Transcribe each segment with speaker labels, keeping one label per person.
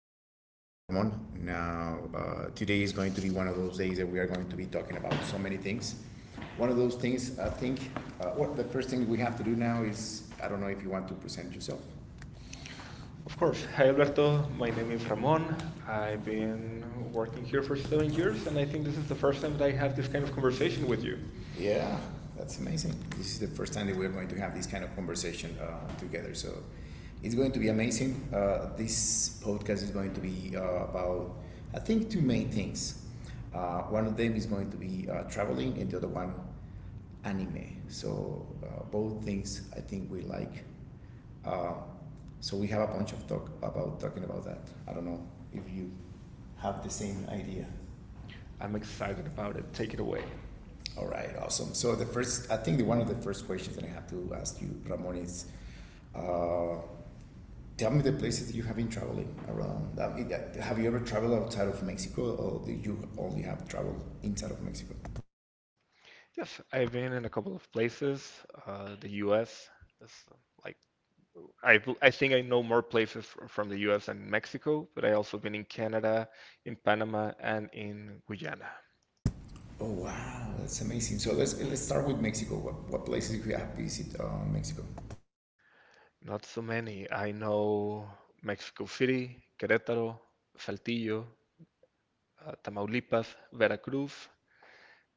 Speaker 1: us, Ramon. Now, today is going to be one of those days that we are going to be talking about so many things. One of those things, I think, what the first thing we have to do now is I don't know if you want to present yourself.
Speaker 2: Of
Speaker 1: Sure.
Speaker 2: course.
Speaker 1: Hi,
Speaker 2: Hi,
Speaker 1: Roberto.
Speaker 2: Alberto. My
Speaker 1: My
Speaker 2: name
Speaker 1: name
Speaker 2: is
Speaker 1: is
Speaker 2: Ramon.
Speaker 1: Ramon.
Speaker 2: I've
Speaker 1: I've been
Speaker 2: been working
Speaker 1: working
Speaker 2: here
Speaker 1: here
Speaker 2: for
Speaker 1: for seven
Speaker 2: seven
Speaker 1: years,
Speaker 2: years, and
Speaker 1: and
Speaker 2: I
Speaker 1: I
Speaker 2: think this
Speaker 1: think
Speaker 2: is
Speaker 1: it's
Speaker 2: the first
Speaker 1: a
Speaker 2: time that I have
Speaker 1: have
Speaker 2: this
Speaker 1: this
Speaker 2: kind
Speaker 1: kind
Speaker 2: of
Speaker 1: of
Speaker 2: conversation
Speaker 1: conversation
Speaker 2: with
Speaker 1: with
Speaker 2: you.
Speaker 1: you. Yeah, that's amazing. This is the first time that we're going to have this kind of conversation together. So, it's going to be amazing. This podcast is going to be about, I think, two main things. One of them is going to be traveling, and the other one, anime. So, both things I think we like. Uh, so, we have a bunch of talk about talking about that. I don't know if you have the same idea.
Speaker 2: I'm
Speaker 1: I'm excited
Speaker 2: excited
Speaker 1: about
Speaker 2: about it.
Speaker 1: the
Speaker 2: Take it
Speaker 1: takeaway.
Speaker 2: away.
Speaker 1: All right, awesome. So the first, I think the one of the first questions that I have to ask you, Ramon, is uh, tell me the places that you have been traveling around. I mean, have you ever traveled outside of Mexico, or do you only have traveled inside of Mexico?
Speaker 2: Yes, I've been in a couple of places. The US is like I think I know more places from the US than Mexico, but I also been in Canada, in Panama, and in Guyana.
Speaker 1: Oh wow, that's amazing. So let's start with Mexico. What places you have visited Mexico?
Speaker 2: Not so many. I know Mexico City, Querétaro, Saltillo, Tamaulipas, Veracruz,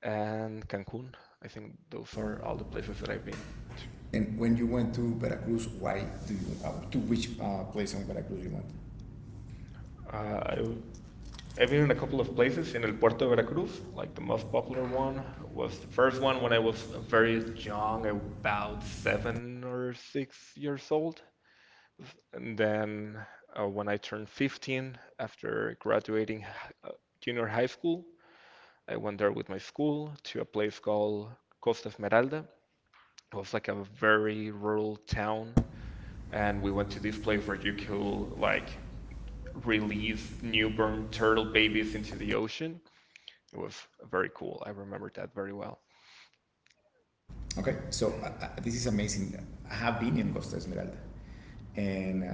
Speaker 2: and Cancun. I think those are all the
Speaker 1: All the
Speaker 2: places
Speaker 1: places that
Speaker 2: that I've
Speaker 1: I've been.
Speaker 2: been.
Speaker 1: And when you went to Veracruz, why do you to which place on Veracruz you went?
Speaker 2: Uh,
Speaker 1: Uh,
Speaker 2: I, w- I've
Speaker 1: I've been
Speaker 2: been in
Speaker 1: in
Speaker 2: a
Speaker 1: a
Speaker 2: couple
Speaker 1: couple
Speaker 2: of
Speaker 1: of
Speaker 2: places
Speaker 1: places
Speaker 2: in
Speaker 1: in
Speaker 2: El Puerto de
Speaker 1: important
Speaker 2: Veracruz,
Speaker 1: places, like
Speaker 2: like the
Speaker 1: the
Speaker 2: most
Speaker 1: most
Speaker 2: popular one
Speaker 1: was
Speaker 2: was the
Speaker 1: the
Speaker 2: first
Speaker 1: first
Speaker 2: one when I
Speaker 1: was
Speaker 2: was
Speaker 1: very
Speaker 2: very young,
Speaker 1: genre
Speaker 2: about
Speaker 1: bound set.
Speaker 2: 7 or 6 years old. And then when I turned 15, after graduating uh, junior high school, I went there with my school to a place called Costa Esmeralda. It was like a very rural town,
Speaker 1: And
Speaker 2: and we
Speaker 1: I
Speaker 2: went
Speaker 1: went
Speaker 2: to
Speaker 1: to
Speaker 2: this
Speaker 1: this place
Speaker 2: place where
Speaker 1: where
Speaker 2: you
Speaker 1: you
Speaker 2: could
Speaker 1: could like
Speaker 2: like
Speaker 1: relieve
Speaker 2: release newborn
Speaker 1: newborn
Speaker 2: turtle babies
Speaker 1: turkeys.
Speaker 2: into the ocean. It was very cool. I remember that very well.
Speaker 1: Okay, so this is amazing. I have been in Costa Esmeralda, and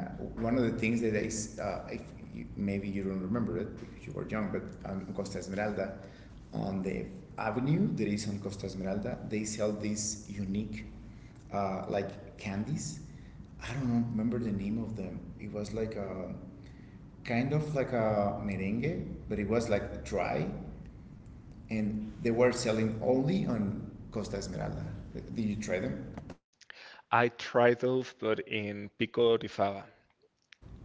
Speaker 1: one of the things that is, if you, maybe you don't remember it because you were young, but on Costa Esmeralda, on the avenue that is on Costa Esmeralda, they sell these unique, like candies. I don't know, remember the name of them. It was like a kind of like a merengue, but it was like dry and they were selling only on Costa Esmeralda. Did you try them?
Speaker 2: I tried those, but in Pico de Orizaba,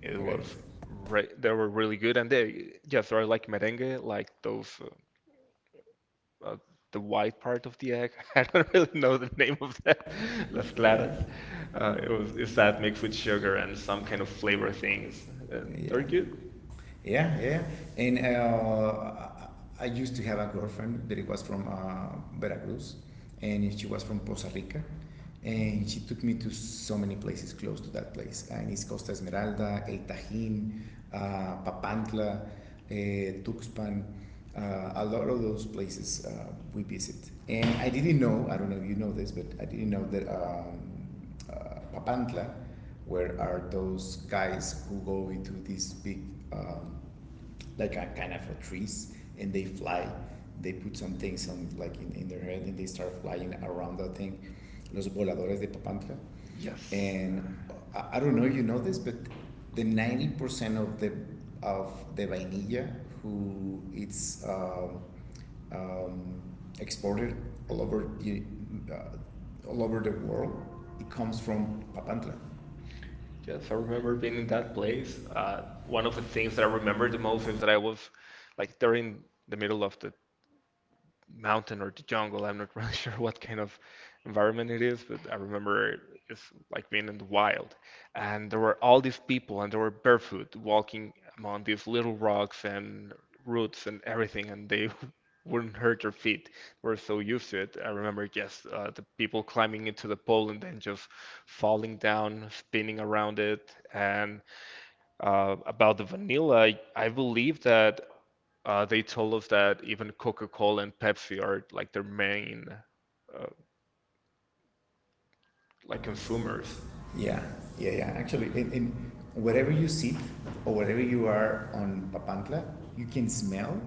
Speaker 2: it
Speaker 1: It Okay.
Speaker 2: was re they were really good, and they yes, they're like merengue, like those uh, uh, the white part of the egg. I don't really know the name of that.
Speaker 1: The
Speaker 2: Las claras.
Speaker 1: flat, yeah.
Speaker 2: It's
Speaker 1: It's
Speaker 2: that
Speaker 1: that
Speaker 2: mixed
Speaker 1: mixed
Speaker 2: with
Speaker 1: with
Speaker 2: sugar
Speaker 1: sugar
Speaker 2: and
Speaker 1: and
Speaker 2: some
Speaker 1: some
Speaker 2: kind
Speaker 1: kind
Speaker 2: of
Speaker 1: of flavor
Speaker 2: flavor
Speaker 1: things.
Speaker 2: things. And
Speaker 1: Yeah.
Speaker 2: they're good.
Speaker 1: Yeah, yeah. And I used to have a girlfriend that it was from Veracruz, and she was from Costa Rica, and she took me to so many places close to that place. And it's Costa Esmeralda, El Tajín, Papantla, Tuxpan, a lot of those places we visit. And I didn't know, I don't know if you know this, but I didn't know that Papantla, where are those guys who go into these big um, like a kind of a trees and they fly they put some things on like in their head and they start flying around that thing los voladores de papantla. Yes.
Speaker 2: Yes,
Speaker 1: And I don't know if you know this but the 90% of the vainilla who it's um, exported all over the all over the world. It comes from papantla. Yes,
Speaker 2: Yes, I
Speaker 1: I remember
Speaker 2: remember being in
Speaker 1: being
Speaker 2: that place.
Speaker 1: in uh,
Speaker 2: One
Speaker 1: one of
Speaker 2: of the
Speaker 1: the
Speaker 2: things
Speaker 1: things
Speaker 2: that I
Speaker 1: I
Speaker 2: remember
Speaker 1: remember
Speaker 2: the most is that I was like they're in the middle of the mountain or the jungle. I'm not really sure what kind of environment it is, but I remember it's like being in the wild. And there were all these people, and they were barefoot, walking among these little rocks and roots and everything, and they wouldn't hurt their feet. They were so used to it. I remember just the people climbing into the pole and then just falling down, spinning around it, and about the vanilla, I believe that they told us that even Coca-Cola and Pepsi are like their main uh, like
Speaker 1: consumers.
Speaker 2: consumers.
Speaker 1: Yeah, yeah, yeah. Actually, in wherever you sit or wherever you are on Papantla, you can smell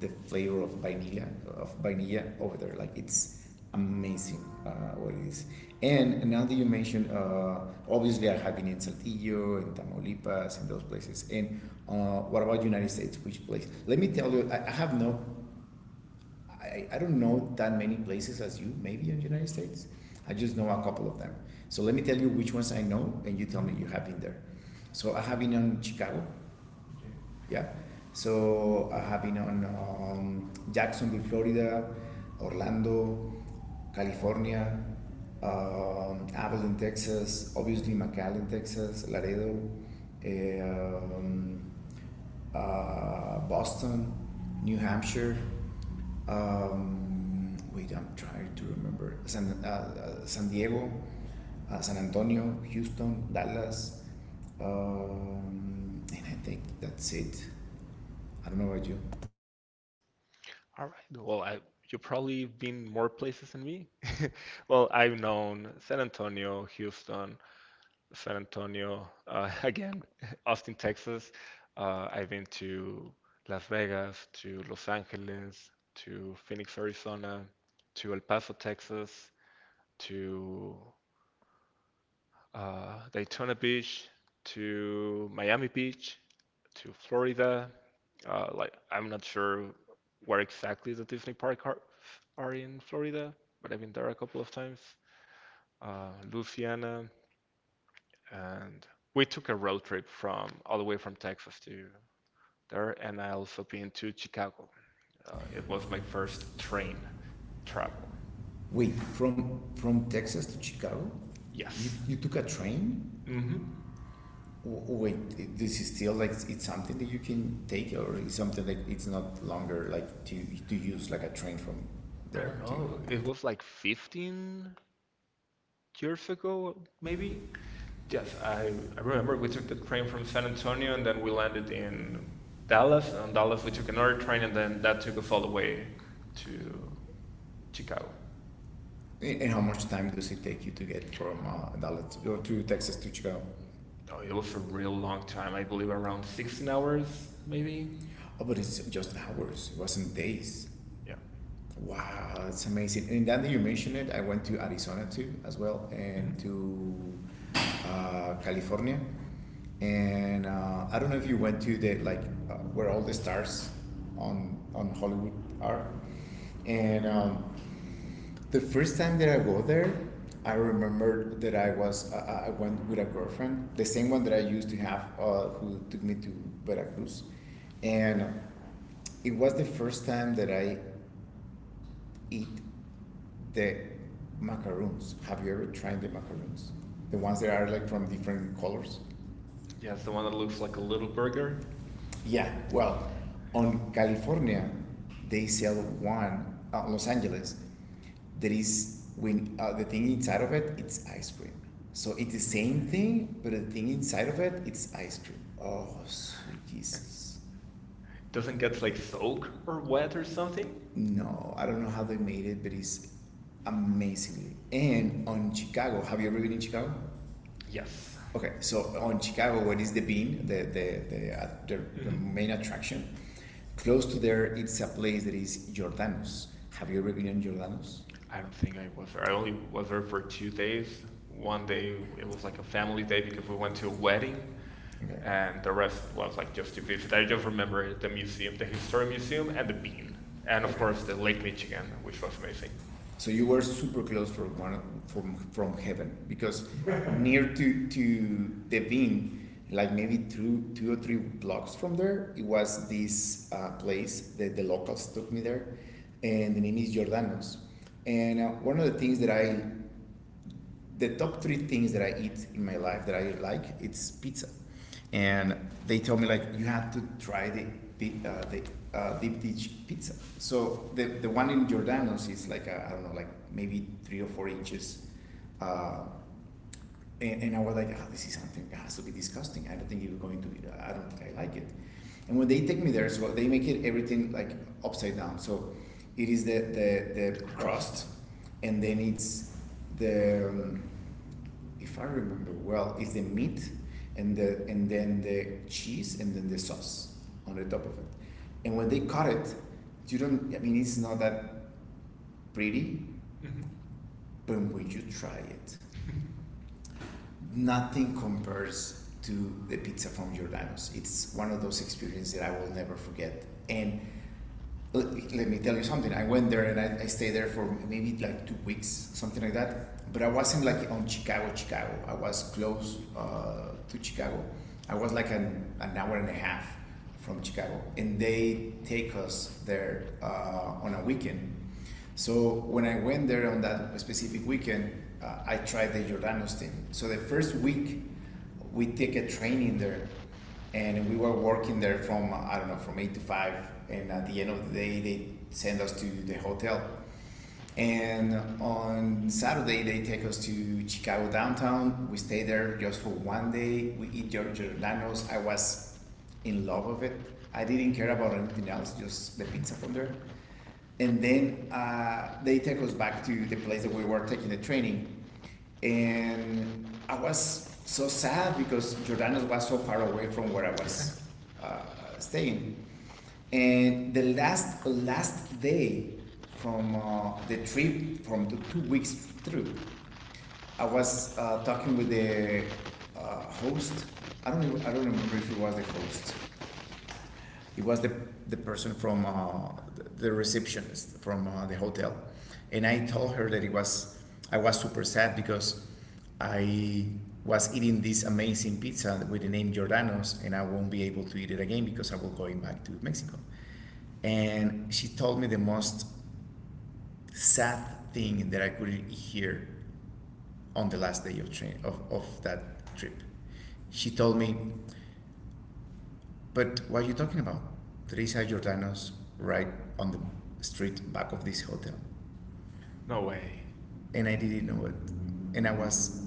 Speaker 1: the flavor of vanilla over there. Like it's amazing what it is. And now that you mentioned, obviously I have been in Saltillo and Tamaulipas and those places. And what about United States? Which place? Let me tell you, I have no. I don't know that many places as you, maybe in the United States. I just know a couple of them. So let me tell you which ones I know, and you tell me you have been there. So I have been on Chicago. Yeah. So I have been on Jacksonville, Florida, Orlando, California, Abilene, Texas, obviously McAllen, Texas, Laredo, eh, um, Boston, New Hampshire, wait, I'm trying to remember San Diego, San Antonio, Houston, Dallas, and I think that's it. I don't know about you.
Speaker 2: All right. Well, I You've probably been more places than me. Well, I've known San Antonio, Houston, again, Austin, Texas. I've been to Las Vegas, to Los Angeles, to Phoenix, Arizona, to El Paso, Texas, to Daytona Beach, to Miami Beach, to Florida. Like, I'm not sure where exactly the Disney are in Florida, but I've been there a couple of times. Louisiana, and we took a road trip from all the way from Texas to there, and I also been to Chicago. It
Speaker 1: It was
Speaker 2: was
Speaker 1: my
Speaker 2: my first
Speaker 1: first train
Speaker 2: train
Speaker 1: travel.
Speaker 2: travel.
Speaker 1: Wait, from Texas to Chicago, yes. you,
Speaker 2: Yes.
Speaker 1: you took a train?
Speaker 2: Hmm.
Speaker 1: Mm-hmm. Wait, this is still like it's something that you can take, or it's something that it's not longer like to use like a train from
Speaker 2: I don't
Speaker 1: there
Speaker 2: know.
Speaker 1: to.
Speaker 2: It was like 15 years ago, maybe.
Speaker 1: Yes,
Speaker 2: Yes,
Speaker 1: I
Speaker 2: I, I remember
Speaker 1: remember
Speaker 2: we
Speaker 1: we
Speaker 2: took
Speaker 1: took
Speaker 2: the
Speaker 1: the
Speaker 2: train
Speaker 1: train
Speaker 2: from
Speaker 1: from
Speaker 2: San
Speaker 1: San Antonio,
Speaker 2: Antonio, and then we
Speaker 1: and landed
Speaker 2: landed in
Speaker 1: in
Speaker 2: Dallas.
Speaker 1: Dallas,
Speaker 2: And on
Speaker 1: and Dallas
Speaker 2: Dallas, we
Speaker 1: is
Speaker 2: took another
Speaker 1: Chicago,
Speaker 2: train, and then
Speaker 1: and
Speaker 2: that
Speaker 1: that
Speaker 2: took
Speaker 1: took us
Speaker 2: us all the
Speaker 1: all the
Speaker 2: way
Speaker 1: to
Speaker 2: to Chicago.
Speaker 1: Chicago. And how much time does it take you to get from Dallas to, or to Texas to Chicago?
Speaker 2: Oh, it
Speaker 1: It
Speaker 2: was a
Speaker 1: was a
Speaker 2: real
Speaker 1: real
Speaker 2: long
Speaker 1: long
Speaker 2: time.
Speaker 1: time,
Speaker 2: I
Speaker 1: I
Speaker 2: believe
Speaker 1: believe
Speaker 2: around
Speaker 1: around
Speaker 2: 16
Speaker 1: 16
Speaker 2: hours,
Speaker 1: hours,
Speaker 2: maybe.
Speaker 1: maybe. Oh, but it's just hours. It wasn't days.
Speaker 2: Yeah.
Speaker 1: Yeah. Wow, that's amazing. And now that you mentioned it, I went to Arizona too, as well,
Speaker 2: Mhm.
Speaker 1: and to California and I don't know if you went to the like where all the stars on Hollywood are. And the first time that I go there, I remembered that I went with a girlfriend, the same one that I used to have, who took me to Veracruz, and it was the first time that I ate the macaroons. Have you ever tried the macaroons? The ones that are like from different colors. Yeah,
Speaker 2: Yeah, it's
Speaker 1: it's
Speaker 2: the
Speaker 1: the
Speaker 2: one
Speaker 1: one
Speaker 2: that
Speaker 1: that looks
Speaker 2: looks
Speaker 1: like
Speaker 2: like a
Speaker 1: a
Speaker 2: little
Speaker 1: little
Speaker 2: burger
Speaker 1: burger. Yeah, well, on California, they sell one. Los Angeles, there is when the thing inside of it, it's ice cream. So it's the same thing, but the thing inside of it, it's ice cream. Oh, sweet
Speaker 2: and
Speaker 1: Jesus!
Speaker 2: doesn't
Speaker 1: Doesn't
Speaker 2: get
Speaker 1: get
Speaker 2: like
Speaker 1: like soaked
Speaker 2: soaked or
Speaker 1: or
Speaker 2: wet or something.
Speaker 1: something? No, I don't know how they made it, but it's amazingly. And on Chicago, have you ever been in Chicago? Yes.
Speaker 2: Yes.
Speaker 1: Okay, so on Chicago, what is the bean? The
Speaker 2: Hmm.
Speaker 1: main attraction. Close to there, it's a place that is Jordanos. Have you ever been in Jordanos?
Speaker 2: I
Speaker 1: I
Speaker 2: don't think
Speaker 1: think I
Speaker 2: I was there.
Speaker 1: went.
Speaker 2: I
Speaker 1: I
Speaker 2: only
Speaker 1: only
Speaker 2: was
Speaker 1: went
Speaker 2: there
Speaker 1: there
Speaker 2: for
Speaker 1: for
Speaker 2: two
Speaker 1: 2 days.
Speaker 2: days. One day it
Speaker 1: It was
Speaker 2: was
Speaker 1: like
Speaker 2: like a
Speaker 1: a
Speaker 2: family
Speaker 1: family
Speaker 2: day
Speaker 1: day.
Speaker 2: because we
Speaker 1: We
Speaker 2: went
Speaker 1: went
Speaker 2: to a
Speaker 1: to a
Speaker 2: wedding,
Speaker 1: wedding. Okay.
Speaker 2: and the rest
Speaker 1: Rest was
Speaker 2: was like
Speaker 1: like
Speaker 2: just
Speaker 1: this
Speaker 2: to
Speaker 1: two
Speaker 2: visit.
Speaker 1: weeks.
Speaker 2: I
Speaker 1: I
Speaker 2: just
Speaker 1: just
Speaker 2: remember
Speaker 1: remember
Speaker 2: the
Speaker 1: the
Speaker 2: museum,
Speaker 1: museum,
Speaker 2: the
Speaker 1: the
Speaker 2: history
Speaker 1: historic museum,
Speaker 2: museum, and
Speaker 1: and
Speaker 2: the
Speaker 1: the
Speaker 2: bean,
Speaker 1: meeting,
Speaker 2: and
Speaker 1: and
Speaker 2: of
Speaker 1: okay, of okay,
Speaker 2: course
Speaker 1: course
Speaker 2: the
Speaker 1: the
Speaker 2: Lake
Speaker 1: late Michigan,
Speaker 2: Michigan, which
Speaker 1: which was
Speaker 2: was amazing.
Speaker 1: amazing. So you were super close from one from heaven because near to the bean, like maybe two or three blocks from there, it was this place that the locals took me there, and the name is Giordano's. And one of the things that I, the top three things that I eat in my life that I like, it's pizza and they told me like you have to try the deep dish pizza. So the one in Giordano's is like a, I don't know like maybe 3 or 4 inches. Uh, and I was like, oh, this is something that has to be disgusting. I don't think it's going to be. I don't think I like it. And when they take me there, so they make it everything like upside down. So it is the
Speaker 2: The crust.
Speaker 1: crust, and then it's the if I remember well, is the meat and then the cheese and then the sauce on the top of it. And when they cut it, you don't. I mean, it's not that pretty,
Speaker 2: Hmm.
Speaker 1: but when you try it, nothing compares to the pizza from Giordano's. It's one of those experiences that I will never forget. And let me tell you something. I went there and I stayed there for maybe like 2 weeks, something like that. But I wasn't like on Chicago, Chicago. I was close to Chicago. I was like an hour and a half from Chicago. And they take us there on a weekend. So when I went there on that specific weekend, I tried the Jordanos thing. So the first week, we take a train in there and we were working there from I don't know from 8 to 5, and at the end of the day they send us to the hotel. And on Saturday they take us to Chicago downtown. We stay there just for one day. We eat Giorgio Giordano's. I was in love with it. I didn't care about anything else, just the pizza from there, and then they take us back to the place that we were taking the training. And I was so sad because Jordanos was so far away from where I was staying. And the last day from the trip, from the 2 weeks trip, I was talking with the host. I don't I don't remember if it was the host. It was the person from receptionist from the hotel, and I told her that it was I was super sad because I was eating this amazing pizza with the name Giordano's, and I won't be able to eat it again because I will going back to Mexico. And she told me the most sad thing that I could hear on the last day of train of that trip. She told me, but what are you talking about? Teresa Giordano's right on the street back of this hotel. No
Speaker 2: No
Speaker 1: way.
Speaker 2: way.
Speaker 1: And I didn't know it. And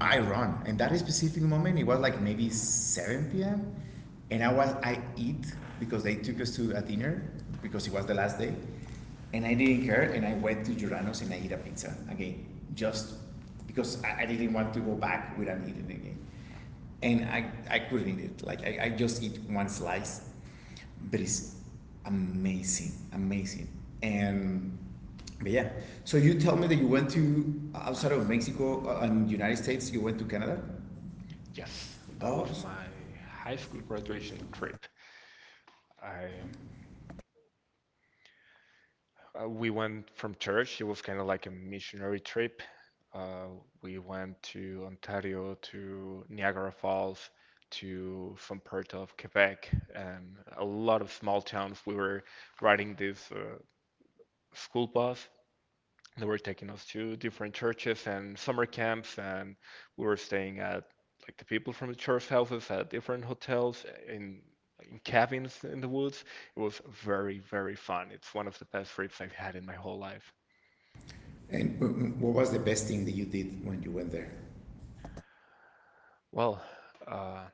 Speaker 1: I run. And that specific moment, it was like maybe 7 p.m. And I eat because they took us to a dinner because it was the last day. And I didn't care. And I went to Giordano's and I eat a pizza again. Just because I didn't want to go back without eating again. And I couldn't eat it. Like I just eat one slice, but it's amazing, amazing. And but yeah, so you tell me that you went to outside of Mexico and United States, you went to Canada. Yes.
Speaker 2: Yes, that
Speaker 1: Oh,
Speaker 2: was
Speaker 1: s-
Speaker 2: my
Speaker 1: High
Speaker 2: high
Speaker 1: school
Speaker 2: school graduation
Speaker 1: graduation.
Speaker 2: trip. I We went from church. It was kind of like a missionary trip. Uh, we went to Ontario, to Niagara Falls, to some part of Quebec, and a lot of small towns. We were riding this school bus. They were taking us to different churches and summer camps, and we were staying at like the people from the church houses, at different hotels, in cabins in the woods. It was very, very fun. It's one of the best trips I've had in my whole life.
Speaker 1: And what was the best thing that you did when you went there?
Speaker 2: Well, uh,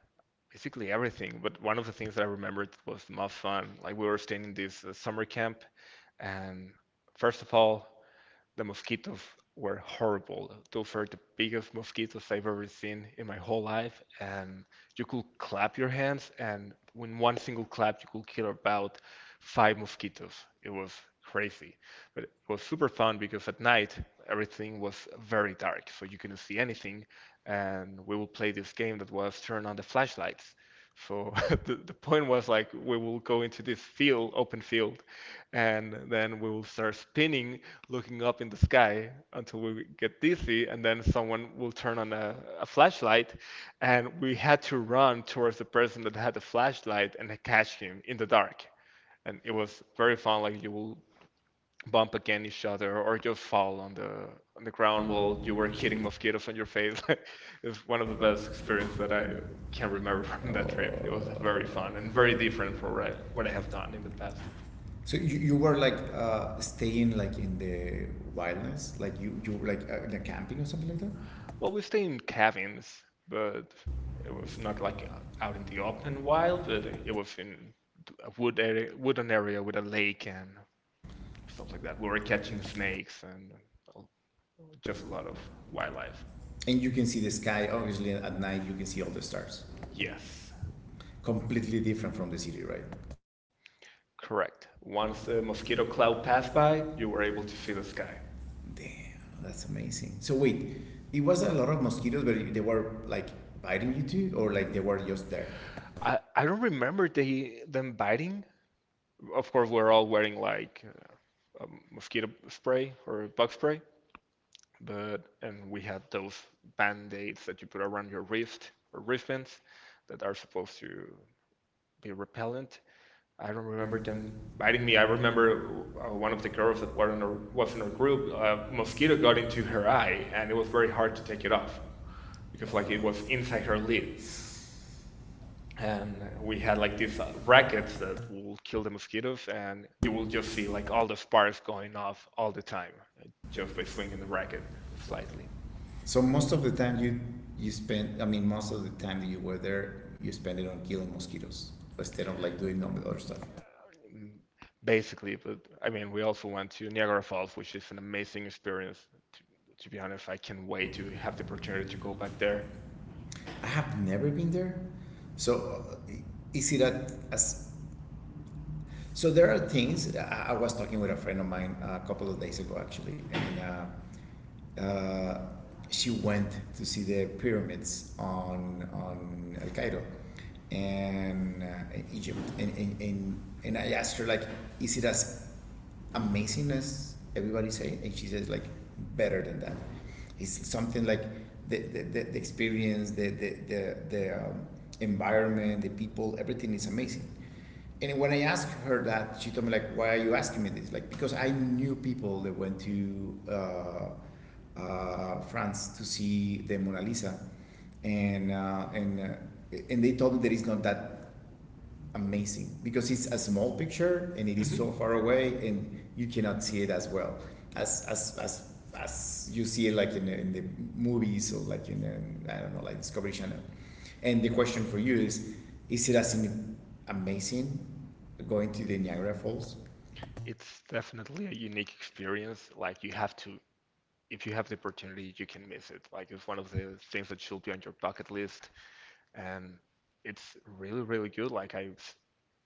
Speaker 2: basically everything, but one of the things that I remembered was the most fun. Like, we were staying in this summer camp, and first of all, the mosquitoes were horrible. Those were the biggest mosquitoes I've ever seen in my whole life. And you could clap your hands, and in one single clap, you could kill about five mosquitoes. It was crazy. But it was super fun because at night, everything was very dark, so you couldn't see anything. And we would play this game that was turn on the flashlights. So the point was like we will go into this field, open field, and then we will start spinning, looking up in the sky until we get dizzy, and then someone will turn on a flashlight, and we had to run towards the person that had the flashlight and catch him in the dark. And it was very fun. Like, you will bump against each other or you fall on the ground
Speaker 1: Um,
Speaker 2: while
Speaker 1: well, you
Speaker 2: you were
Speaker 1: were
Speaker 2: hitting mosquitoes on your face. It's one of
Speaker 1: the
Speaker 2: the
Speaker 1: best
Speaker 2: best
Speaker 1: experience
Speaker 2: experience
Speaker 1: that
Speaker 2: that I
Speaker 1: I can't
Speaker 2: can remember
Speaker 1: remember.
Speaker 2: from that trip. It was
Speaker 1: Oh. Very
Speaker 2: very
Speaker 1: fun.
Speaker 2: fun
Speaker 1: And
Speaker 2: and very
Speaker 1: very
Speaker 2: different
Speaker 1: grateful
Speaker 2: from
Speaker 1: where
Speaker 2: what
Speaker 1: I
Speaker 2: I
Speaker 1: am
Speaker 2: have
Speaker 1: now
Speaker 2: done in the
Speaker 1: in that.
Speaker 2: past.
Speaker 1: So you were like staying like in the wilderness, like you were like in a camping or something like that.
Speaker 2: Well, we stayed in cabins, but it
Speaker 1: It
Speaker 2: was
Speaker 1: was
Speaker 2: not
Speaker 1: not like
Speaker 2: like
Speaker 1: out
Speaker 2: out in
Speaker 1: in
Speaker 2: the
Speaker 1: the
Speaker 2: open
Speaker 1: open
Speaker 2: wild,
Speaker 1: wild, but
Speaker 2: but it
Speaker 1: it
Speaker 2: was in a wooden area with a lake and stuff like that. We were
Speaker 1: was
Speaker 2: catching
Speaker 1: catching snakes.
Speaker 2: snakes and uh,
Speaker 1: There's
Speaker 2: just a
Speaker 1: a lot
Speaker 2: lot of
Speaker 1: of life.
Speaker 2: wildlife.
Speaker 1: And you can see the sky. Obviously, at night you can see all the stars. Yes.
Speaker 2: Yes.
Speaker 1: Completely different from the city, right?
Speaker 2: Correct.
Speaker 1: Once
Speaker 2: Once the
Speaker 1: the
Speaker 2: mosquito
Speaker 1: mosquito
Speaker 2: cloud passed by,
Speaker 1: died,
Speaker 2: you
Speaker 1: you
Speaker 2: were
Speaker 1: were
Speaker 2: able
Speaker 1: able to
Speaker 2: to see
Speaker 1: see
Speaker 2: the
Speaker 1: the sky.
Speaker 2: sky.
Speaker 1: Damn, that's amazing. So wait, it was a lot of mosquitoes, but they were like biting you too, or like they were just there.
Speaker 2: I don't remember they them biting. Of course, we're all wearing like mosquito spray or bug spray, but and we had those band-aids that you put around your wrist, or wristbands that are supposed to be repellent. I don't remember them biting me. I remember
Speaker 1: Or
Speaker 2: one of the girls that were in
Speaker 1: what's
Speaker 2: was in
Speaker 1: in
Speaker 2: our
Speaker 1: the
Speaker 2: group,
Speaker 1: group, most
Speaker 2: mosquito
Speaker 1: going
Speaker 2: got into her
Speaker 1: to
Speaker 2: eye, and it was very hard
Speaker 1: hard
Speaker 2: to
Speaker 1: to take
Speaker 2: take it
Speaker 1: it off.
Speaker 2: off because
Speaker 1: It's
Speaker 2: like
Speaker 1: like
Speaker 2: it
Speaker 1: it
Speaker 2: was
Speaker 1: was
Speaker 2: inside
Speaker 1: inside
Speaker 2: her
Speaker 1: her
Speaker 2: lid.
Speaker 1: league. And
Speaker 2: And we
Speaker 1: we
Speaker 2: had
Speaker 1: had
Speaker 2: like these rackets
Speaker 1: brackets
Speaker 2: that
Speaker 1: that
Speaker 2: will kill the mosquitoes, and
Speaker 1: you
Speaker 2: you will
Speaker 1: will
Speaker 2: just
Speaker 1: just
Speaker 2: see like all the sparks going off all the time, just by
Speaker 1: just swing
Speaker 2: swinging the
Speaker 1: the bracket.
Speaker 2: racket
Speaker 1: It's like,
Speaker 2: slightly.
Speaker 1: so most of the time you spend, I mean, most of the time that you were there, you spend it on killing mosquitoes instead of like doing all the other stuff.
Speaker 2: Mm, basically. But I mean, we also went to Niagara Falls, which is an amazing experience. To, to be honest, I can't wait
Speaker 1: Did
Speaker 2: to
Speaker 1: you
Speaker 2: have
Speaker 1: have
Speaker 2: the
Speaker 1: the
Speaker 2: opportunity
Speaker 1: opportunity
Speaker 2: to
Speaker 1: to
Speaker 2: go
Speaker 1: go
Speaker 2: back
Speaker 1: back
Speaker 2: there.
Speaker 1: there? I have never been there. So is as. So there are things. I was talking with a friend of mine a couple of days ago, actually, and uh, uh, she went to see the pyramids on El Cairo and in Egypt, and I asked her like, is it as amazing as everybody say? And she says like, better than that. It's something like the experience, the environment, the people, everything is amazing. And when I asked her that, she told me like, why are you asking me this? Like, because I knew people that went to France to see the Mona Lisa, and uh, and uh, and they told me that it's not that amazing because it's a small picture and it is
Speaker 2: Mhm.
Speaker 1: so far away and you cannot see it as well as as as as you see it like in the movies or like in I don't know, like Discovery Channel. And the question for you is it as amazing going to the Niagara Falls?
Speaker 2: It's definitely a unique experience. Like, you have to, if you have the opportunity, you can miss it. Like, it's one of the things that should be on your bucket list, and it's really, really good. Like I,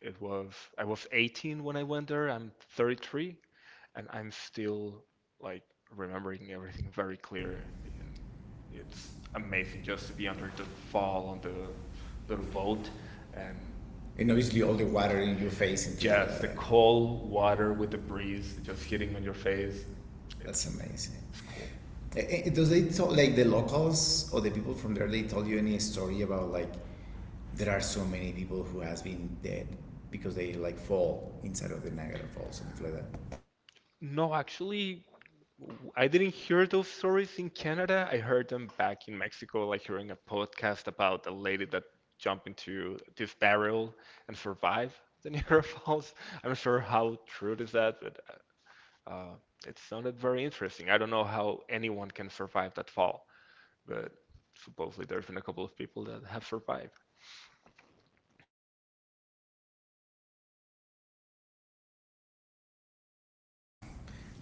Speaker 2: it was I was 18 when I went there. I'm 33, and I'm still like remembering everything very clear. And it's
Speaker 1: It's
Speaker 2: amazing
Speaker 1: amazing
Speaker 2: just
Speaker 1: just
Speaker 2: to
Speaker 1: to be
Speaker 2: be
Speaker 1: able to
Speaker 2: under the fall
Speaker 1: follow
Speaker 2: on the
Speaker 1: the
Speaker 2: little
Speaker 1: boat.
Speaker 2: boat,
Speaker 1: and
Speaker 2: and
Speaker 1: And obviously, all the water in your face and things like
Speaker 2: just
Speaker 1: just
Speaker 2: the
Speaker 1: the that,
Speaker 2: cold
Speaker 1: cold
Speaker 2: water
Speaker 1: water
Speaker 2: with
Speaker 1: with
Speaker 2: the
Speaker 1: the breeze
Speaker 2: breeze just
Speaker 1: just hitting
Speaker 2: hitting on
Speaker 1: in
Speaker 2: your
Speaker 1: your face.
Speaker 2: face.
Speaker 1: That's
Speaker 2: It's
Speaker 1: amazing.
Speaker 2: it's cool.
Speaker 1: Does they tell, like the locals or the people from there? They tell you any story about like there are so many people who has been dead because they like fall inside of the Niagara Falls, and things like that?
Speaker 2: No, actually, I didn't hear those stories in Canada. I heard them back in Mexico, like hearing a podcast about a lady that jumped into this barrel and survived the Niagara Falls. I'm not sure how true is that, but uh, it sounded very interesting. I don't know how anyone can survive that fall, but supposedly there's been a couple of people that have survived.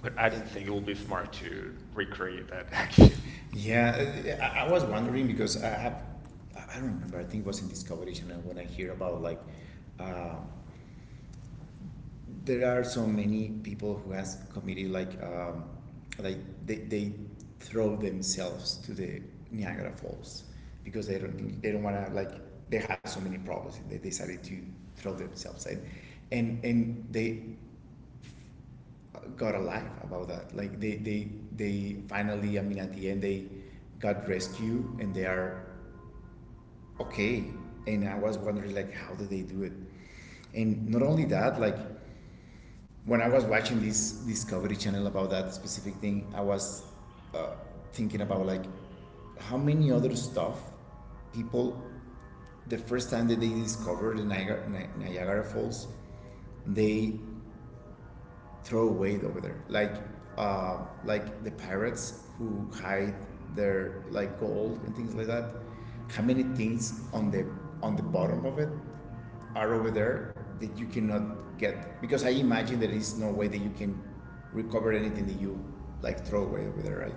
Speaker 2: But
Speaker 1: But
Speaker 2: I
Speaker 1: I
Speaker 2: don't
Speaker 1: think
Speaker 2: think it
Speaker 1: it
Speaker 2: will
Speaker 1: would
Speaker 2: be
Speaker 1: be smart
Speaker 2: smart to
Speaker 1: to recreate
Speaker 2: recreate that
Speaker 1: that action.
Speaker 2: action.
Speaker 1: Yeah, I was wondering because I have, I don't remember. I think it was in Discovery Channel when I hear about like uh, there are so many people who has committed like they throw themselves to the Niagara Falls because they don't want to, like they have so many problems and they decided to throw themselves in, and they got alive about that, like they finally, I mean at the end they got rescued and they are okay. And I was wondering like how did they do it, and not only that, like when I was watching this Discovery Channel about that specific thing, I was uh, thinking about like how many other stuff people the first time that they discovered the Niagara Falls, they throwaway over there, like the pirates who hide their like gold and things like that. How many things on the bottom of it are over there that you cannot get? Because I imagine there is no way that you can recover anything that you like throw away over there, right?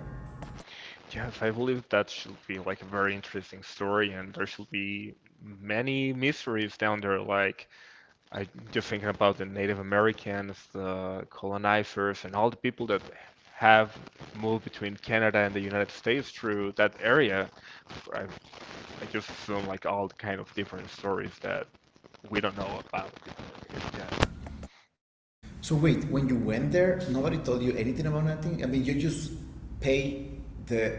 Speaker 2: Yes, I believe that should be like a very interesting story, and there should be many mysteries down there. Like, I just thinking about the Native Americans, the colonizers, and all the people that have moved between Canada and the United States through that area. I, I just assume like all the kind of different stories that we don't know about. Yeah.
Speaker 1: So wait, when you went there, nobody told you anything about nothing. I mean, you just pay the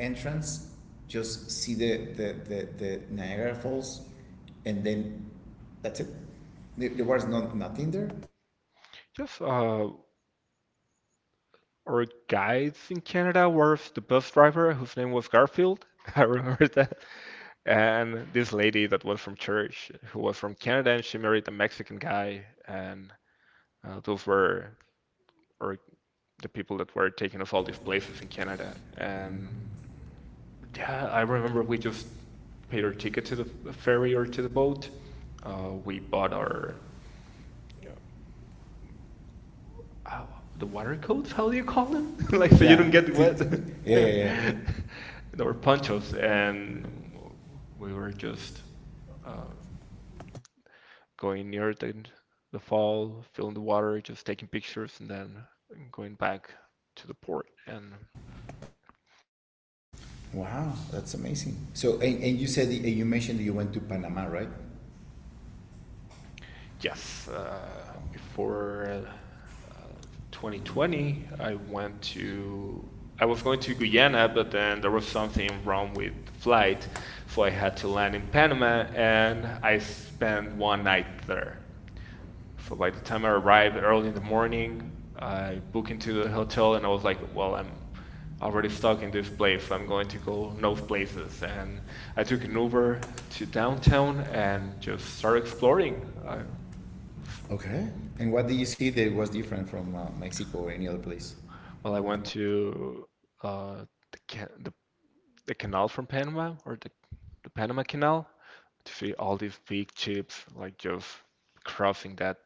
Speaker 1: entrance, just see the Niagara Falls, and then that's it. There was no nothing there.
Speaker 2: Just our guides in Canada was the bus driver whose name was Garfield. I remember that. And this lady that was from church, who was from Canada, and she married a Mexican guy, and those were or the people that were taking us all these places in Canada. And yeah, I remember we just paid our ticket to the ferry or to the boat. We
Speaker 1: Uh,
Speaker 2: bought our you know, ow,
Speaker 1: uh,
Speaker 2: the water coats, how do you call them? Like,
Speaker 1: Like,
Speaker 2: so you
Speaker 1: yeah,
Speaker 2: don't
Speaker 1: you
Speaker 2: get
Speaker 1: get.
Speaker 2: wet.
Speaker 1: Yeah, yeah, yeah.
Speaker 2: And
Speaker 1: There were
Speaker 2: our ponchos,
Speaker 1: bunches, and
Speaker 2: and
Speaker 1: we
Speaker 2: we
Speaker 1: were
Speaker 2: were
Speaker 1: just
Speaker 2: just
Speaker 1: uh,
Speaker 2: uh, going near the fall, feeling the water, just taking pictures, and then going back to the port. And
Speaker 1: wow, that's amazing. So, and you said you mentioned that you went to Panama, right?
Speaker 2: yes,
Speaker 1: 2020,
Speaker 2: before uh, 2020,
Speaker 1: I,
Speaker 2: I
Speaker 1: went
Speaker 2: was going to Guyana, but then there was something wrong with the
Speaker 1: to flight.
Speaker 2: flight, so I had to land in Panama, and I
Speaker 1: I spent
Speaker 2: spent one night there. So by the time I arrived early in the morning,
Speaker 1: flying uh,
Speaker 2: I booked into the hotel, and I was like, "Well, I'm already stuck in this place. I'm going to go no places." And I took an Uber to downtown
Speaker 1: on and
Speaker 2: and just
Speaker 1: just
Speaker 2: started
Speaker 1: started
Speaker 2: exploring.
Speaker 1: exploring.
Speaker 2: I,
Speaker 1: Okay. And what did you see that was different from Mexico or any other place?
Speaker 2: well,
Speaker 1: Well,
Speaker 2: I
Speaker 1: I went
Speaker 2: went
Speaker 1: to,
Speaker 2: to uh, the, the canal from Panama, or the Panama Canal, to see all these big ships like just crossing that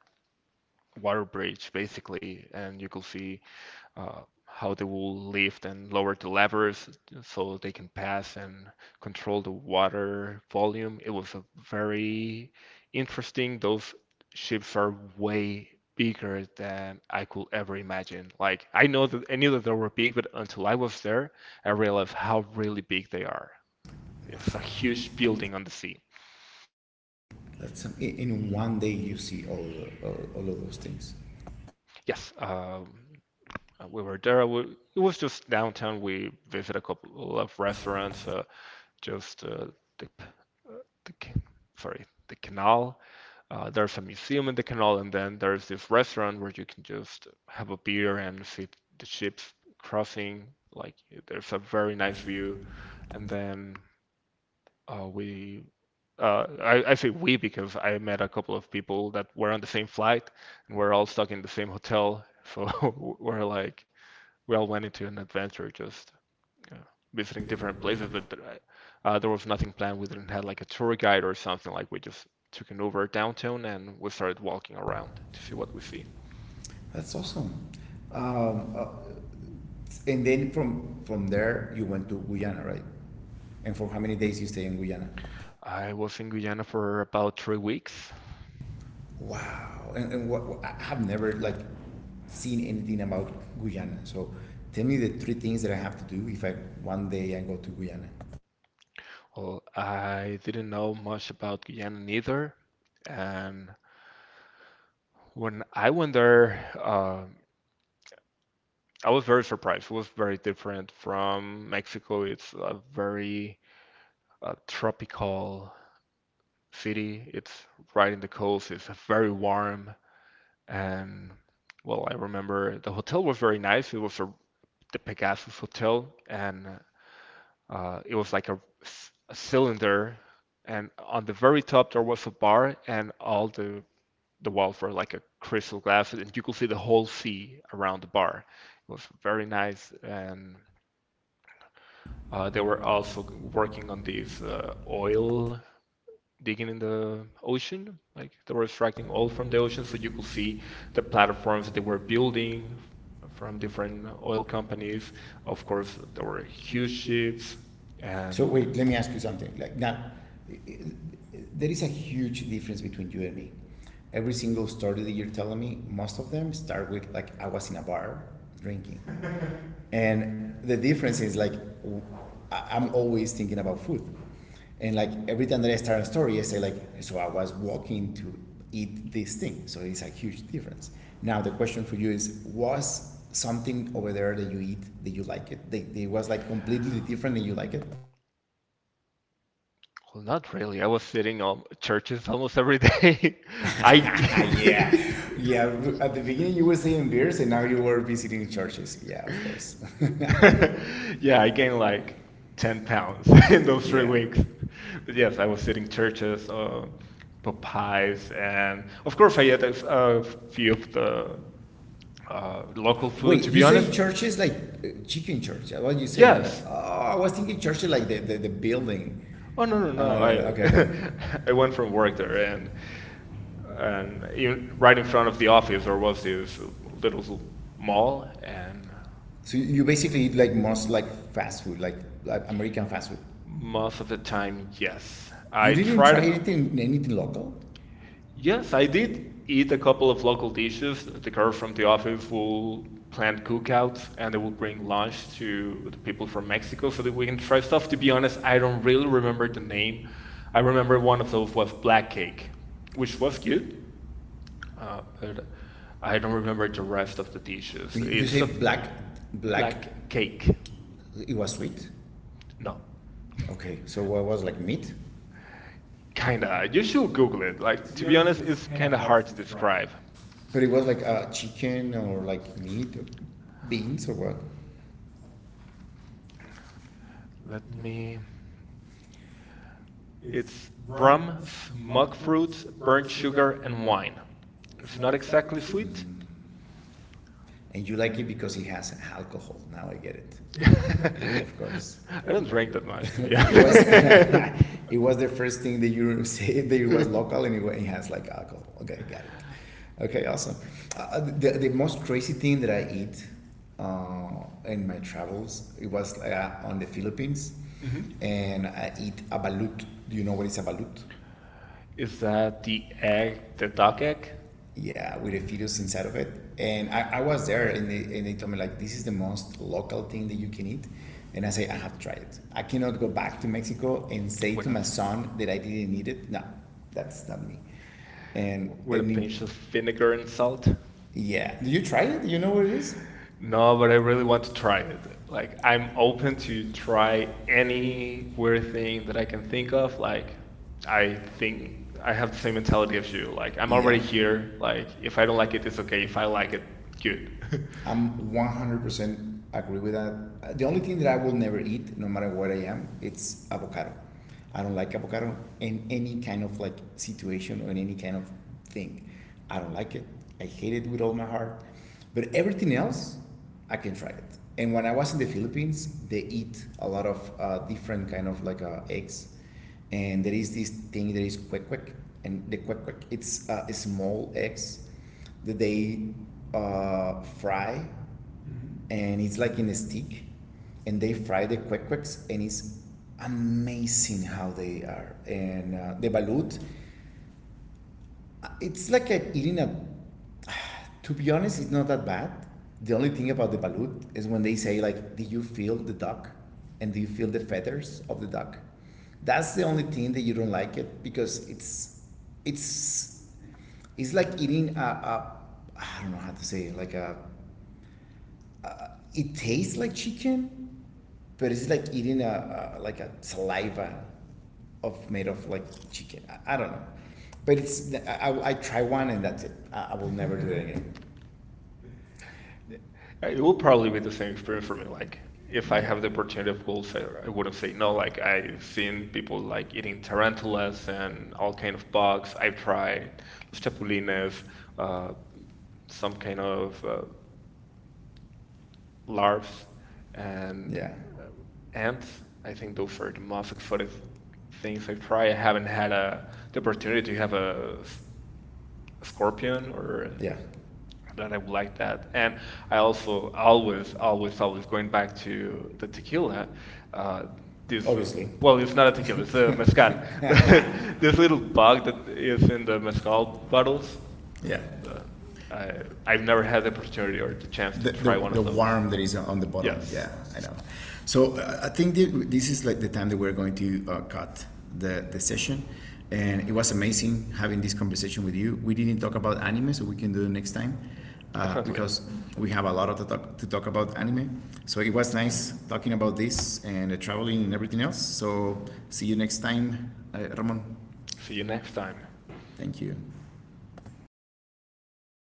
Speaker 2: water bridge basically, and you could see how they will lift and lower the levers so they can pass and control the water volume. It was a very interesting. Those ships are way bigger than I could ever imagine. Like I knew that they were big, but until I was there, I realized how really big they are. It's a
Speaker 1: wow.
Speaker 2: huge building on the sea.
Speaker 1: That's in one day you see all of those things.
Speaker 2: Yes, we were there. It was just downtown. We visited a couple of restaurants. Just the, uh, the sorry the canal. There's a museum in the canal, and then there's this restaurant where you can just have a beer and see the ships crossing. Like there's a very nice view, and then we. I say we because I met a couple of people that were on the same flight and we're all stuck in the same hotel. So we're like, we all went into an adventure just uh, visiting different places, but there was nothing planned. We didn't have like a tour guide or something. Like we just took an Uber downtown and we started walking around to see what we see.
Speaker 1: That's awesome. Um, uh, and then from there you went to Guyana, right? And for how many days you stay in Guyana?
Speaker 2: I was in Guyana for about 3 weeks.
Speaker 1: Wow. And what, I have never like seen anything about Guyana. So tell me the three things that I have to do if I one day I go to Guyana.
Speaker 2: Well, I didn't know much about Guyana neither, and when I went there, I was very surprised. It was very different from Mexico. It's a very tropical city. It's right in the coast. It's very warm. And well, I remember the hotel was very nice. The Pegasus Hotel, and it was like a cylinder. And on the very top there was a bar, and all the walls were like a crystal glass, and you could see the whole sea around the bar. It was very nice, and they were also working on these oil digging in the ocean. Like they were extracting oil from the ocean, so you could see the platforms that they were building from different oil companies. Of course, there were huge ships,
Speaker 1: So
Speaker 2: and
Speaker 1: wait, let me ask you something. Like now, there is a huge difference between you and me. Every single story that you're telling me, most of them start with like I was in a bar drinking, and the difference is like I am always thinking about food, and like every time that I start a story, I say like so I was walking to eat this thing, so it's a huge difference. Now the question for you is was something over there that you eat that you like it, that it was like completely different and you like it?
Speaker 2: well, not really. I was sitting on churches almost every day. I
Speaker 1: yeah, yeah, at the beginning you were saying beers and now you were visiting churches, yeah, of course.
Speaker 2: yeah, I gained like 10 pounds in those 3 weeks. But yes, I was sitting churches, Popeyes, and of course I ate a few of the local food,
Speaker 1: Wait,
Speaker 2: to be
Speaker 1: you say
Speaker 2: honest,
Speaker 1: churches like chicken church? What you say? Yes.
Speaker 2: yes.
Speaker 1: Oh, I was thinking churches like the building.
Speaker 2: Oh, no,
Speaker 1: No,
Speaker 2: no,
Speaker 1: no,
Speaker 2: no!
Speaker 1: no. Okay,
Speaker 2: I
Speaker 1: okay.
Speaker 2: I went from work there, and even
Speaker 1: Even
Speaker 2: right
Speaker 1: right
Speaker 2: in front of the office there was this
Speaker 1: is the
Speaker 2: little mall,
Speaker 1: mall.
Speaker 2: and
Speaker 1: So basically eat like most like fast food, like American fast food.
Speaker 2: most of the
Speaker 1: And
Speaker 2: time yes.
Speaker 1: yes, You I
Speaker 2: I
Speaker 1: didn't
Speaker 2: tried
Speaker 1: try
Speaker 2: a couple.
Speaker 1: anything local?
Speaker 2: Yes,
Speaker 1: Yes,
Speaker 2: I
Speaker 1: I
Speaker 2: did
Speaker 1: did
Speaker 2: eat
Speaker 1: eat
Speaker 2: a
Speaker 1: a
Speaker 2: couple
Speaker 1: couple
Speaker 2: of
Speaker 1: of
Speaker 2: local
Speaker 1: local
Speaker 2: dishes.
Speaker 1: dishes.
Speaker 2: The
Speaker 1: The
Speaker 2: girl
Speaker 1: girls
Speaker 2: from
Speaker 1: from
Speaker 2: the
Speaker 1: the office
Speaker 2: office
Speaker 1: will
Speaker 2: will plan
Speaker 1: plan us
Speaker 2: cookouts,
Speaker 1: and
Speaker 2: and they
Speaker 1: then
Speaker 2: will
Speaker 1: we
Speaker 2: bring
Speaker 1: bring
Speaker 2: lunch to the people from Mexico so that we can
Speaker 1: including
Speaker 2: try
Speaker 1: Fred
Speaker 2: stuff. To be honest, I don't really remember the name.
Speaker 1: Nate,
Speaker 2: I remember one of those was black cake,
Speaker 1: which.
Speaker 2: which was good, but I don't remember the rest of the dishes. It's
Speaker 1: Say
Speaker 2: a
Speaker 1: black, black
Speaker 2: black
Speaker 1: cake.
Speaker 2: cake.
Speaker 1: It was sweet.
Speaker 2: No,
Speaker 1: Okay, so what was like meat?
Speaker 2: kinda. You should Google it. Like,
Speaker 1: Like, to
Speaker 2: to
Speaker 1: be
Speaker 2: be
Speaker 1: honest
Speaker 2: honest,
Speaker 1: is
Speaker 2: it's
Speaker 1: kind of.
Speaker 2: kinda hard to describe.
Speaker 1: But it was like chicken or like meat, or beans or what? Let
Speaker 2: Let
Speaker 1: me
Speaker 2: me.
Speaker 1: It's
Speaker 2: It's
Speaker 1: rum,
Speaker 2: rum, monk
Speaker 1: mug fruits,
Speaker 2: fruit,
Speaker 1: burnt
Speaker 2: burnt sugar,
Speaker 1: sugar, and
Speaker 2: and
Speaker 1: wine.
Speaker 2: wine.
Speaker 1: It's
Speaker 2: It's
Speaker 1: not
Speaker 2: not exactly
Speaker 1: sweet.
Speaker 2: sweet.
Speaker 1: Mm. And you like it because it has alcohol. Now I get it.
Speaker 2: I
Speaker 1: Of course.
Speaker 2: don't drink that much, to be honest.
Speaker 1: Yeah. it was the first thing that you said that it was local and it has like alcohol. Okay, got it. Okay, awesome. The most crazy thing that I eat in my travels, it was on the Philippines.
Speaker 2: Mhm.
Speaker 1: Mm-hmm. And I eat abalut. Do you know what is abalut? Yeah.
Speaker 2: Is that the egg, the
Speaker 1: The
Speaker 2: duck egg,
Speaker 1: Yeah, with a fetus inside of it. And I was there, and and they told me like this is the most local thing that you can eat, and I say I have to try it. I cannot go back to Mexico and say
Speaker 2: with
Speaker 1: to my son that I didn't eat it. No, that's not me. and
Speaker 2: with a
Speaker 1: and
Speaker 2: pinch of
Speaker 1: it-
Speaker 2: vinegar and salt?
Speaker 1: yeah, do you try it? Do you know what it is?
Speaker 2: No,
Speaker 1: No,
Speaker 2: but I really want to try it. Like,
Speaker 1: like,
Speaker 2: I'm
Speaker 1: open
Speaker 2: open to
Speaker 1: to try
Speaker 2: try any
Speaker 1: any
Speaker 2: weird
Speaker 1: weird
Speaker 2: thing
Speaker 1: thing
Speaker 2: that I
Speaker 1: that I
Speaker 2: can
Speaker 1: can
Speaker 2: think
Speaker 1: think
Speaker 2: of.
Speaker 1: of. Like
Speaker 2: Like, I
Speaker 1: I
Speaker 2: think
Speaker 1: think
Speaker 2: I
Speaker 1: I
Speaker 2: have the same mentality as you. Like, I'm already here. Like,
Speaker 1: like
Speaker 2: if I don't like it, it's okay. If I like it,
Speaker 1: get,
Speaker 2: good.
Speaker 1: I'm 100% agree with that. The only thing that I will never eat, no matter where I am, it's avocado. I don't like avocado in any kind of like situation or in any kind of thing. I don't like it. I hate it with all my heart. But everything else, I can try it. And when I was in the Philippines, they eat a lot of different kind of like eggs, and there is this thing that is quick quick, and the quick quick, it's small eggs that they fry, and it's like in a stick, and they fry the quick quicks, and it's amazing how they are. And the balut, it's like a, eating a, to be honest, it's not that bad. The only thing about the balut is when they say like, do you feel the duck? And do you feel the feathers of the duck? That's the only thing that you don't like it because it's it's like eating a I don't know how to say it, like a it tastes like chicken, but it's like eating a like a saliva of made of like chicken. I don't know, but it's I try one and that's it. I will never do it again.
Speaker 2: It will probably be the same experience for me. Like, if I have the opportunity, of course,
Speaker 1: Rules that
Speaker 2: I wouldn't
Speaker 1: would
Speaker 2: say no.
Speaker 1: signal like
Speaker 2: Like, I've
Speaker 1: I've
Speaker 2: seen
Speaker 1: seen
Speaker 2: people
Speaker 1: people
Speaker 2: like
Speaker 1: like
Speaker 2: eating
Speaker 1: eating tarantulas
Speaker 2: tarantulas and
Speaker 1: and
Speaker 2: all
Speaker 1: all
Speaker 2: kind
Speaker 1: kinds
Speaker 2: of
Speaker 1: of bugs.
Speaker 2: bugs. I've
Speaker 1: I tried
Speaker 2: tried los
Speaker 1: stepaninas,
Speaker 2: chapulines, uh, some kind of larvae
Speaker 1: and
Speaker 2: and
Speaker 1: yeah, ants.
Speaker 2: ants. I
Speaker 1: I think
Speaker 2: think
Speaker 1: those
Speaker 2: those are the most exotic things
Speaker 1: things
Speaker 2: I've
Speaker 1: like
Speaker 2: tried. I haven't had a,
Speaker 1: that.
Speaker 2: The opportunity to have a scorpion or
Speaker 1: Yeah.
Speaker 2: that I would like that. And I also
Speaker 1: I was
Speaker 2: always,
Speaker 1: all
Speaker 2: always, always going back to the
Speaker 1: the tequila.
Speaker 2: tequila. Uh,
Speaker 1: Uh,
Speaker 2: this, uh,
Speaker 1: Obviously.
Speaker 2: well,
Speaker 1: Well,
Speaker 2: it's
Speaker 1: it's
Speaker 2: not a
Speaker 1: not.
Speaker 2: tequila, it's a mezcal. But this little bug that is in the mezcal bottles,
Speaker 1: yeah.
Speaker 2: uh, I,
Speaker 1: I
Speaker 2: I've
Speaker 1: don't
Speaker 2: never had the
Speaker 1: have
Speaker 2: opportunity or the
Speaker 1: the
Speaker 2: chance
Speaker 1: chance.
Speaker 2: to
Speaker 1: the, the,
Speaker 2: try one
Speaker 1: the
Speaker 2: of those.
Speaker 1: worm that is on the bottom.
Speaker 2: Yes,
Speaker 1: Yes. Yeah, I know. So I think this is like the time that we're going to cut the session. And it was amazing having this conversation with you. We didn't talk about anime, so we can do it next time
Speaker 2: definitely.
Speaker 1: because we have a lot of to talk about anime. So it was nice talking about this and traveling and everything else. So see you next time, Ramon.
Speaker 2: See you next time.
Speaker 1: Thank you.